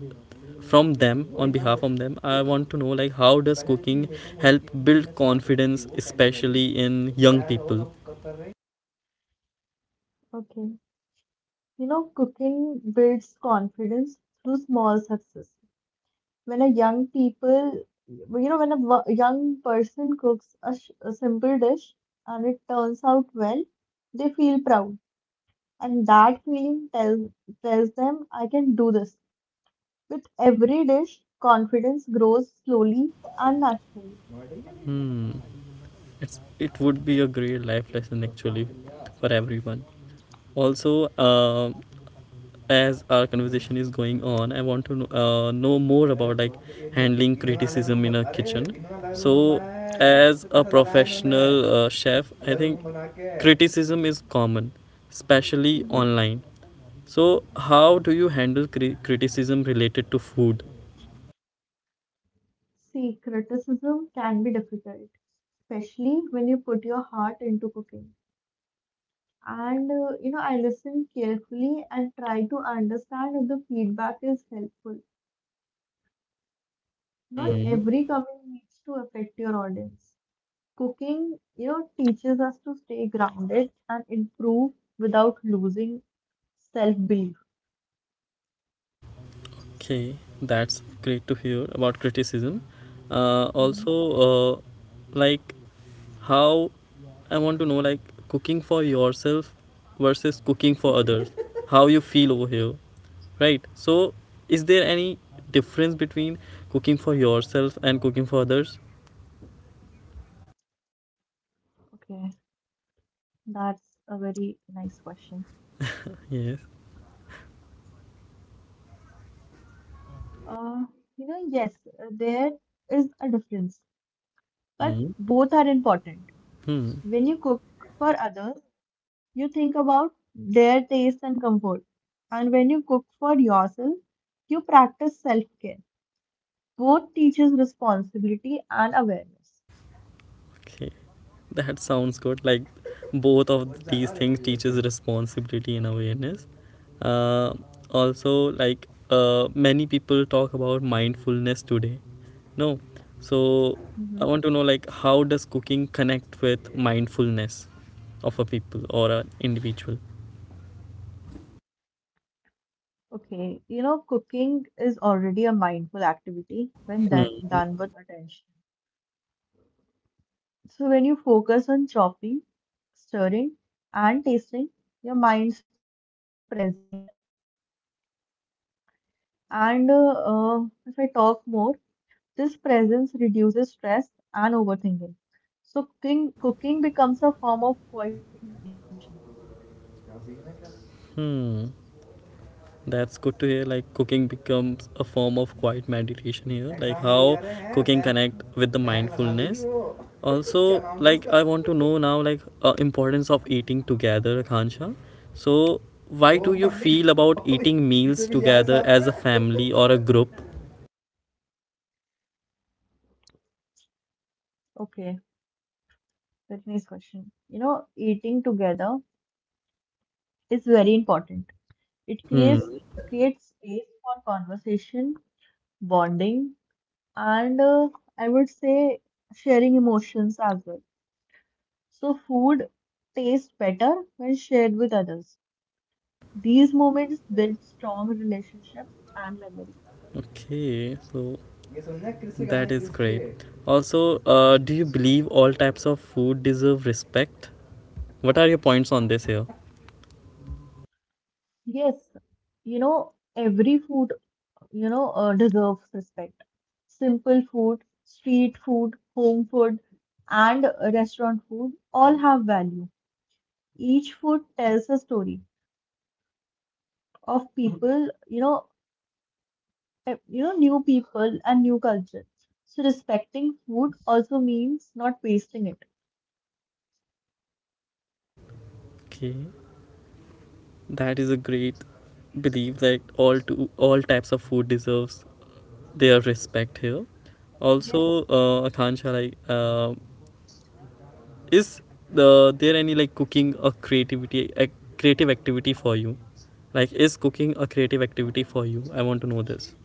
S1: from them on behalf of them, I want to know like how does cooking help build confidence, especially in young people?
S2: Okay. Cooking builds confidence through small success. When a young people, you know, when a wo- young person cooks a simple dish and it turns out well, they feel proud. And that feeling tells them, I can do this. With every dish, confidence grows slowly and naturally.
S1: It's it would be a great life lesson actually for everyone. Also, uh, as our conversation is going on, I want to know more about like handling criticism in a kitchen. So as a professional chef, I think criticism is common, especially
S2: hmm
S1: online. So how do you handle criticism related to food?
S2: See, criticism can be difficult, especially when you put your heart into cooking. And I listen carefully and try to understand if the feedback is helpful. Not
S1: Hmm.
S2: every cooking needs to affect your audience. Cooking, teaches us to stay grounded and improve without losing self-belief.
S1: Okay, that's great to hear about criticism. Also,
S2: Mhm.
S1: uh, like how I want to know, like cooking for yourself versus cooking for others, how you feel over here, right? So, is there any difference between cooking for yourself and cooking for others?
S2: Okay, that's a very nice question.
S1: Yes.
S2: Uh, yes, there is a difference, but
S1: Hmm.
S2: both are important.
S1: Hmm.
S2: When you cook for others, you think about their taste and comfort. And when you cook for yourself, you practice self-care. Both teaches responsibility and awareness.
S1: Okay. That sounds good. Like both of these things teaches responsibility and awareness. Uh, also, many people talk about mindfulness today. No, so
S2: hmm
S1: I want to know like how does cooking connect with mindfulness of a people or an individual?
S2: Okay, cooking is already a mindful activity when that
S1: Hmm.
S2: done with attention. So when you focus on chopping, stirring, and tasting, your mind stays present. And if I talk more, this presence reduces stress and overthinking. So cooking becomes a form of quiet meditation.
S1: Hmm. That's good to hear. Like cooking becomes a form of quiet meditation here. Like how cooking connect with the mindfulness. Also, like I want to know now, importance of eating together, Khansha. So, why do you
S2: hmm
S1: feel about eating meals together as a family or a group?
S2: Okay, very nice question. Eating together is very important. It creates
S1: Hmm.
S2: creates space for conversation, bonding, and I would say sharing emotions as well. So food tastes better when shared with others. These moments build strong relationships and memories.
S1: Okay. So that is great. Also, do you believe all types of food deserve respect? What are your points on this here?
S2: Yes, you know every food deserves respect. Simple food, street food, home food, and restaurant food all have value. Each food tells a story of people, new people and new cultures. So respecting food also means not wasting it.
S1: Okay. That is a great belief that all types of food deserves their respect here. Also, Akansha, is there any like cooking a creativity a creative activity for you? Like, is cooking a creative activity for you? I want to know this.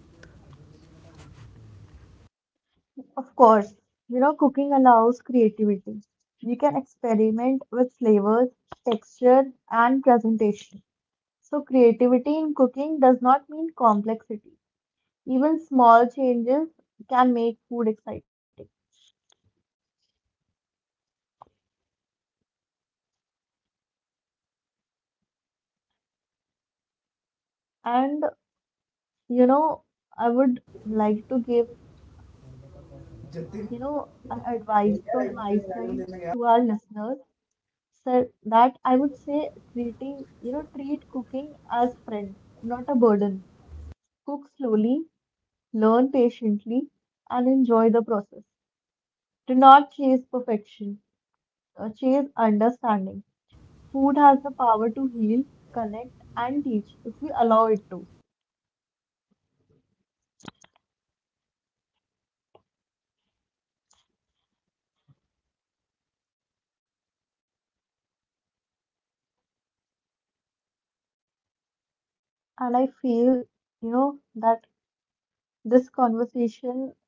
S2: Of course, cooking allows creativity. You can experiment with flavors, texture, and presentation. So, creativity in cooking does not mean complexity. Even small changes can make food exciting. And, you know, I would like to give advice from my side to our listeners, so that I would say treat cooking as friend, not a burden. Cook slowly, learn patiently, and enjoy the process. Do not chase perfection, chase understanding. Food has the power to heal, connect, and teach if we allow it to. And I feel, you know, that this conversation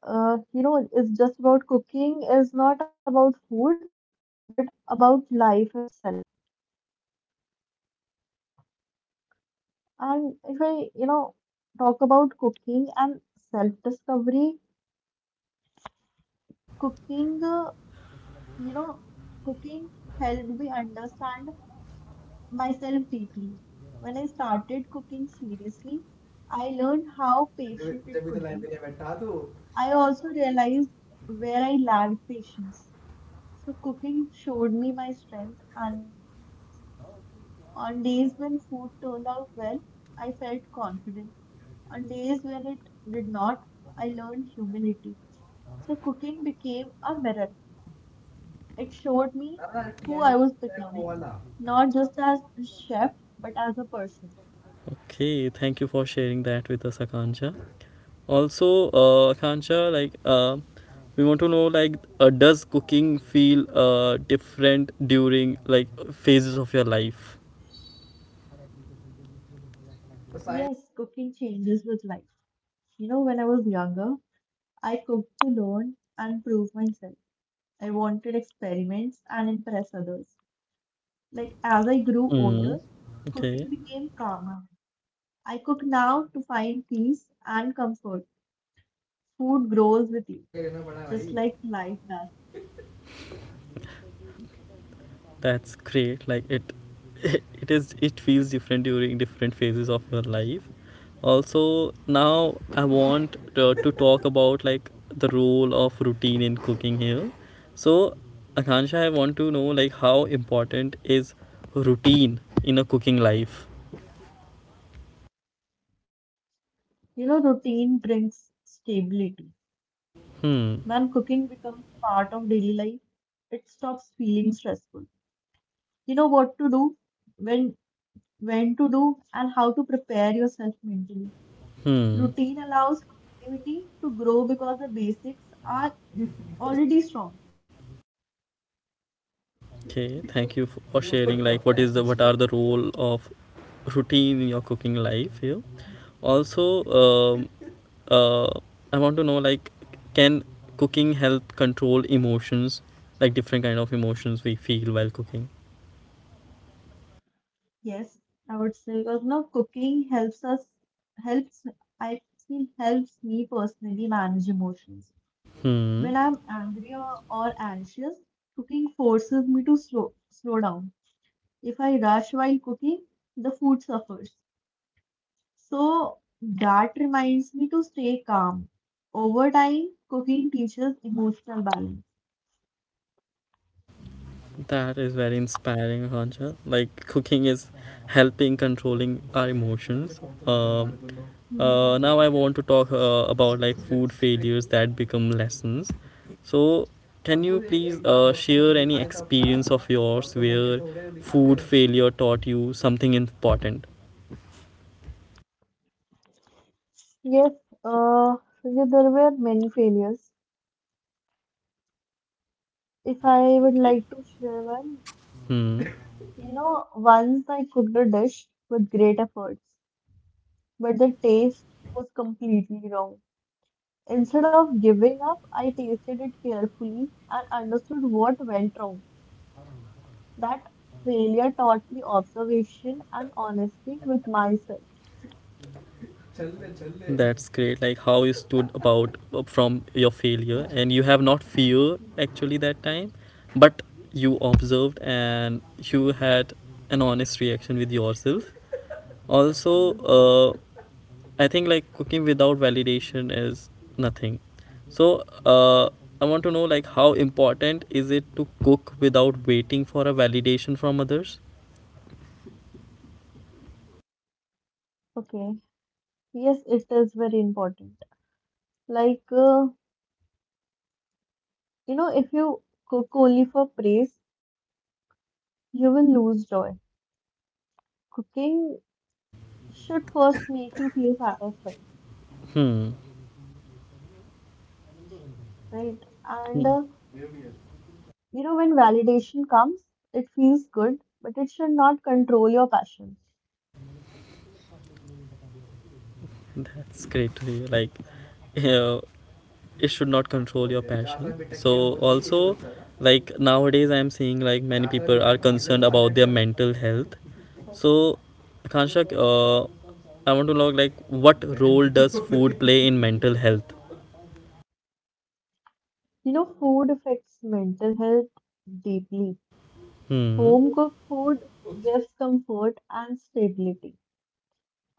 S2: you know, it's just about cooking is not about food, but about life itself. And if I, talk about cooking and self-discovery, cooking, uh, you know, cooking helped me understand myself deeply. When I started cooking seriously, I learned how patient it could be. I also realized where I lacked patience. So cooking showed me my strength and my weaknesses. On days when food turned out well, I felt confident. On days when it did not, I learned humility. So cooking became a mirror. It showed me who I was becoming, not just as a chef, but as a person.
S1: Okay, thank you for sharing that with us, Akansha. Also, Akansha, we want to know, like, does cooking feel different during like phases of your life?
S2: Yes, cooking changes with life. When I was younger, I cooked to learn and prove myself. I wanted experiments and impress others. Like as I grew
S1: Mm,
S2: older,
S1: okay,
S2: cooking became calmer. I cook now to find peace and comfort. Food grows with you, just like life does.
S1: that's great. Like it is. It feels different during different phases of your life. Also, now I want to talk about like the role of routine in cooking here. So, Akansha, I want to know like how important is routine in a cooking life.
S2: Routine brings stability.
S1: Hmm.
S2: When cooking becomes part of daily life, it stops feeling stressful. You know what to do, when when to do, and how to prepare yourself mentally.
S1: Hmm.
S2: Routine allows creativity to grow because the basics are already strong.
S1: Okay. Thank you for sharing. Like, what are the role of routine in your cooking life here? Also, uh, I want to know like can cooking help control emotions, like different kind of emotions we feel while cooking?
S2: Yes, I would say because no cooking helps us helps I feel helps me personally manage emotions.
S1: Hmm.
S2: When I'm angry or anxious, cooking forces me to slow down. If I rush while cooking, the food suffers. So that reminds me to stay calm. Over time, cooking teaches emotional balance.
S1: That is very inspiring, Akansha. Like cooking is helping controlling our emotions. um,
S2: Mhm.
S1: now I want to talk about like food failures that become lessons. So can you please share any experience of yours where food failure taught you something important?
S2: Yes, uh, Sujit, there were many failures. If I would like to share one,
S1: Hmm.
S2: Once I cooked a dish with great efforts, but the taste was completely wrong. Instead of giving up, I tasted it carefully and understood what went wrong. That failure taught me observation and honesty with myself.
S1: That's great. Like how you stood about from your failure, and you have not fear actually that time, but you observed and you had an honest reaction with yourself. Also,
S2: Yes.
S1: I think like cooking without validation is nothing. So I want to know like how important is it to cook without waiting for a validation from others?
S2: Okay. Yes, it is very important. Like, if you cook only for praise, you will lose joy. Cooking should first make you feel satisfied, right? And when validation comes, it feels good, but it should not control your passion.
S1: That's great to hear. Like, uh, it should not control your passion. So also, like nowadays I'm seeing like many people are concerned about their mental health. So Kanshak, I want to know like what role does food play in mental health?
S2: Food affects mental health deeply.
S1: Hmm.
S2: Home cooked food gives comfort and stability.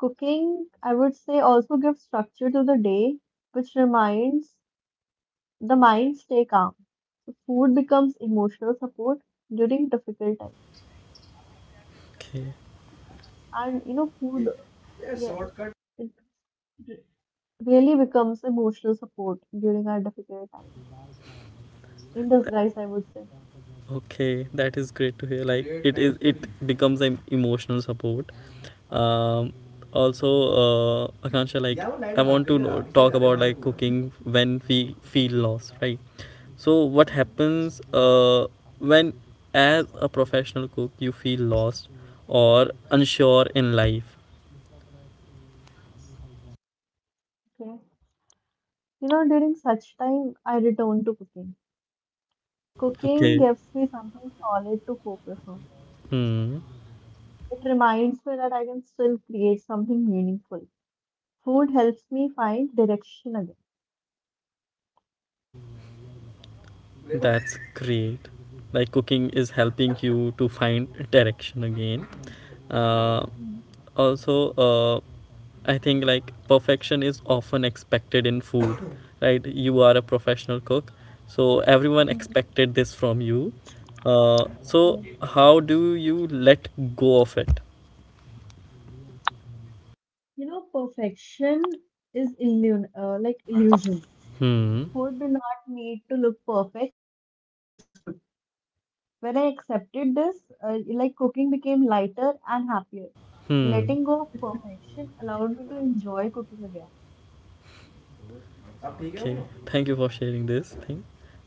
S2: Cooking, I would say, also gives structure to the day, which reminds the mind stay calm. So food becomes emotional support during difficult times.
S1: Okay.
S2: And food, yes, it really becomes emotional support during our difficult times, in disguise, I would say.
S1: Okay, that is great to hear. Like it is, it becomes an emotional support. Um, also, Akansha, like I want to know, talk about like cooking when we feel lost, right? So what
S2: Mhm.
S1: happens when, as a professional cook, you feel lost or unsure in life?
S2: Okay. During such time, I return to cooking. Cooking
S1: Okay,
S2: gives me something solid to focus on.
S1: hmm,
S2: It reminds me that I can still create something meaningful. Food helps me find direction again.
S1: that's great. Like cooking is helping you to find direction again. Uh,
S2: Mhm.
S1: also, I think like perfection is often expected in food right, you are a professional cook, so everyone
S2: Mhm.
S1: expected this from you. So
S2: Yes.
S1: how do you let go of it?
S2: Perfection is illusion, like illusion.
S1: Hmm.
S2: Food do not need to look perfect to taste good. When I accepted this, like cooking became lighter and happier.
S1: Hmm.
S2: Letting go of perfection allowed me to enjoy cooking again.
S1: Okay, thank you for sharing this thing,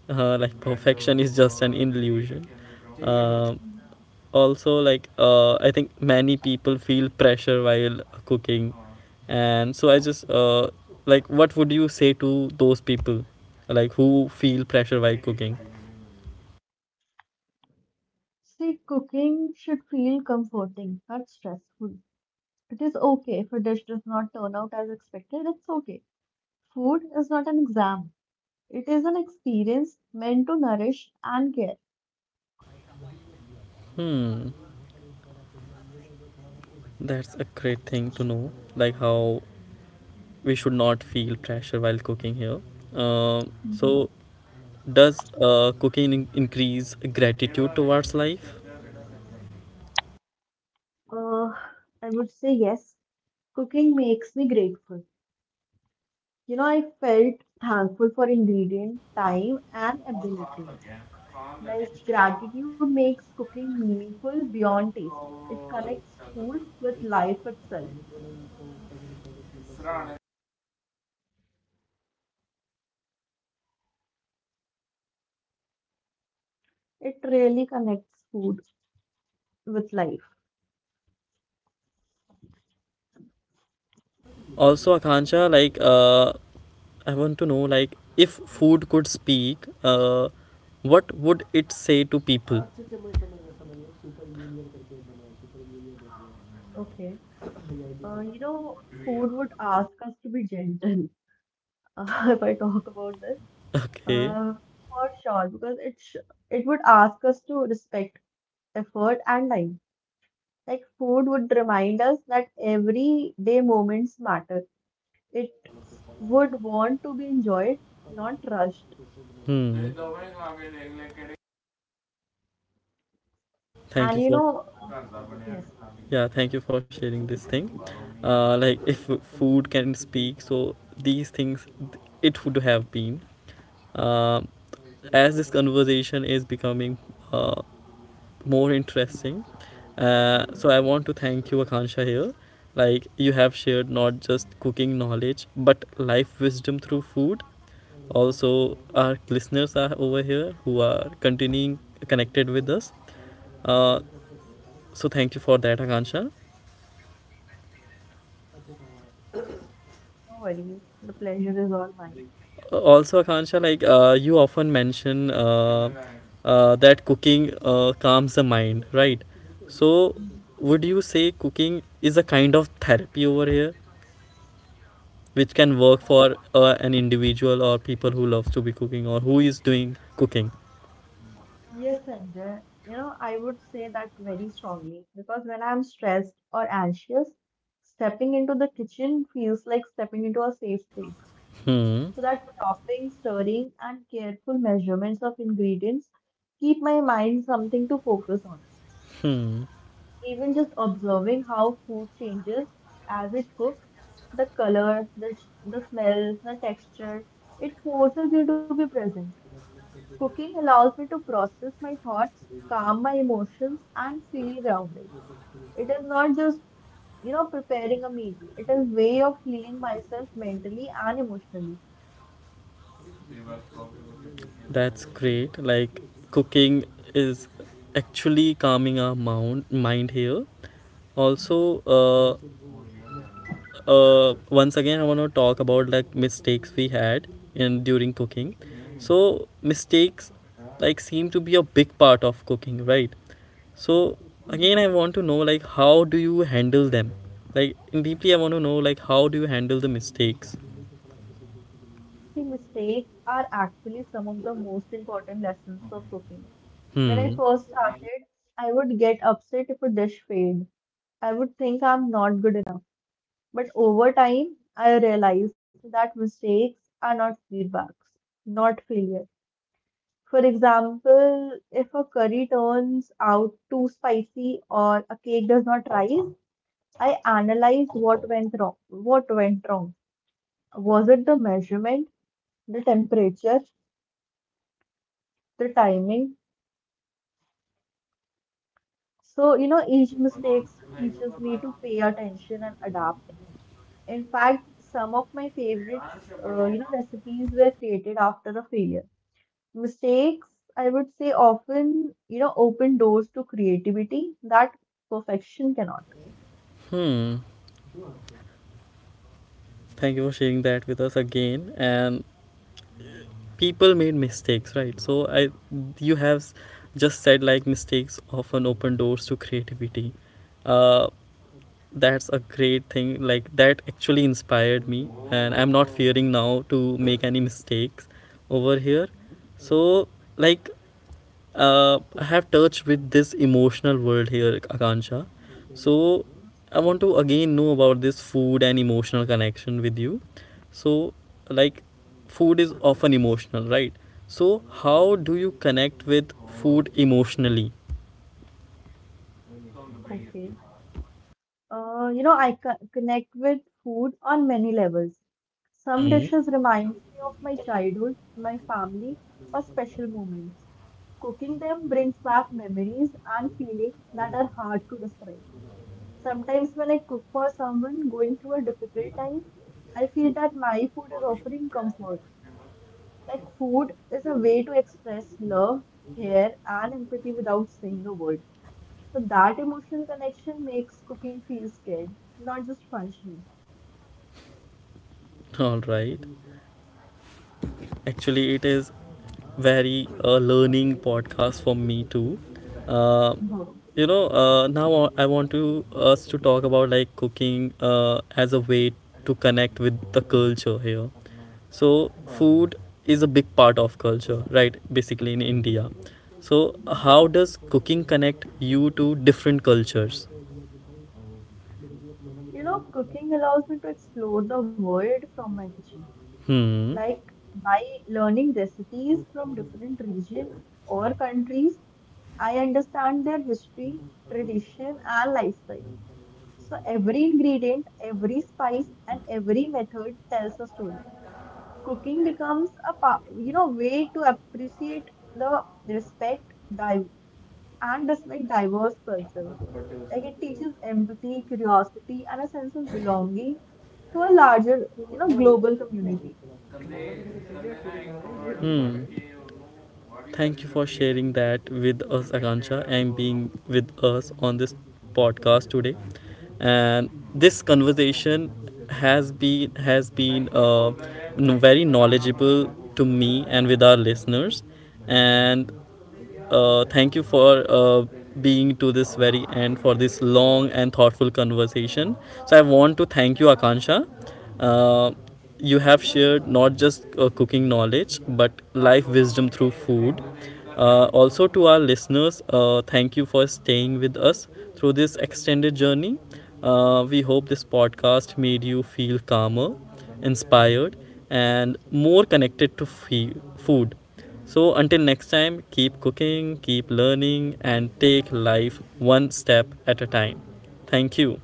S1: like perfection is just an illusion. Uh, also, I think many people feel pressure while cooking, and so I just like what would you say to those people, like who feel pressure while cooking?
S2: See, cooking should feel comforting, not stressful. It is okay if a dish does not turn out as expected, it's okay. Food is not an exam, it is an experience meant to nourish and care.
S1: Hmm. That's a great thing to know, like how we should not feel pressure while cooking here. Um, so
S2: Mhm.
S1: does cooking increase gratitude towards life?
S2: Uh, I would say yes. Cooking makes me grateful. I felt thankful for ingredient, time, and ability. Like gratitude makes cooking meaningful beyond taste. It connects food with life itself. It really connects food with life.
S1: Also, Akansha, I want to know, like if food could speak, what would it say to people?
S2: Okay. Uh, you know, Food would ask us to be gentle. If I talk about this,
S1: Okay.
S2: uh, for sure, because it would ask us to respect effort and time. Like food would remind us that everyday moments matter. It would want to be enjoyed, not rushed.
S1: Hmm.
S2: And
S1: Thank you for
S2: Yes.
S1: yeah. Thank you for sharing this thing. Like if food can speak, so these things it would have been. Um, as this conversation is becoming uh, more interesting. So
S2: Mhm.
S1: I want to thank you, Akansha, here. Like you have shared not just cooking knowledge, but life wisdom through food. Also, our listeners are over here who are continuing connected with us. Uh, so thank you for that, Akansha.
S2: No worries, the pleasure is all mine.
S1: Also, Akansha, you often mention that cooking calms the mind, right? So,
S2: Mhm.
S1: would you say cooking is a kind of therapy over here, which can work
S2: Uh,
S1: for an individual or people who loves to be cooking or who is doing cooking?
S2: yes, Sanjay, I would say that very strongly because when I'm stressed or anxious, stepping into the kitchen feels like stepping into a safe space.
S1: Hmm.
S2: So that chopping, stirring, and careful measurements of ingredients keep my mind something to focus on. Even just observing how food changes as it cooks, the color, the smell, the texture, it forces you to be present. Cooking allows me to process my thoughts, calm my emotions, and feel grounded. It is not just, preparing a meal. It is way of healing myself mentally and emotionally.
S1: That's great. Like cooking is actually calming our mind here. Also, uh, once again I want to talk about like mistakes we had in during cooking. So mistakes like seem to be a big part of cooking, right? So
S2: Mhm.
S1: again I want to know like how do you handle them. Like deeply I want to know like how do you handle the mistakes.
S2: The mistakes are actually some of the most important lessons of cooking. When I
S1: Hmm.
S2: first started, I would get upset if a dish failed. I would think I'm not good enough. But over time, I realized that mistakes are not feedbacks, not failure. For example, if a curry turns out too spicy or a cake does not rise, I analyze what went wrong. What went wrong? Was it the measurement, the temperature, the timing? So, each mistake teaches me to pay attention and adapt. In fact, some of my favorites, recipes were created after a failure. Mistakes, I would say, often open doors to creativity that perfection cannot.
S1: Hmm. Thank you for sharing that with us again. And people made mistakes, right? So i you have just said like mistakes often open doors to creativity. uh that's a great thing, like that actually inspired me, and I'm not fearing now to make any mistakes over here.
S2: Mhm,
S1: So like I have touched with this emotional world here, Akansha. So
S2: mhm.
S1: I want to again know about this food and emotional connection with you. So, like food is often emotional, right? So how do you connect with food emotionally?
S2: Okay. Connect with food on many levels. Some
S1: Hmm.
S2: dishes remind me of my childhood, my family, or special moments. Cooking them brings back memories and feelings that are hard to describe. Sometimes when I cook for someone going through a difficult time, I feel that my food is offering comfort. Like food is a way to express love, care, and empathy without saying a word. So that emotional connection makes cooking feel scared, not just functional.
S1: All right. Actually, it is very learning podcast for me too. Uh,
S2: Mhm.
S1: now I want to us to talk about like cooking as a way to connect with the culture here. So food is a big part of culture, right? Basically in India. So
S2: Mhm.
S1: how does cooking connect you to different cultures?
S2: Cooking allows me to explore the world from my kitchen.
S1: Hmm.
S2: Like by learning recipes from different regions or countries, I understand their history, tradition, and lifestyle. So every ingredient, every spice, and every method tells a story. Cooking becomes a way to appreciate the respect, and despite diverse cultures. Like it teaches empathy, curiosity, and a sense of belonging to a larger, global community.
S1: Hmm. Thank you for sharing that with us, Akansha, and being with us on this podcast today. And this conversation has been very knowledgeable to me and with our listeners. And thank you for being to this very end for this long and thoughtful conversation. So I want to thank you, Akansha. Uh, you have shared not just cooking knowledge but life wisdom through food. Also to our listeners, thank you for staying with us through this extended journey. We hope this podcast made you feel calmer, inspired, and more connected to food. So, until next time, keep cooking, keep learning, and take life one step at a time. Thank you.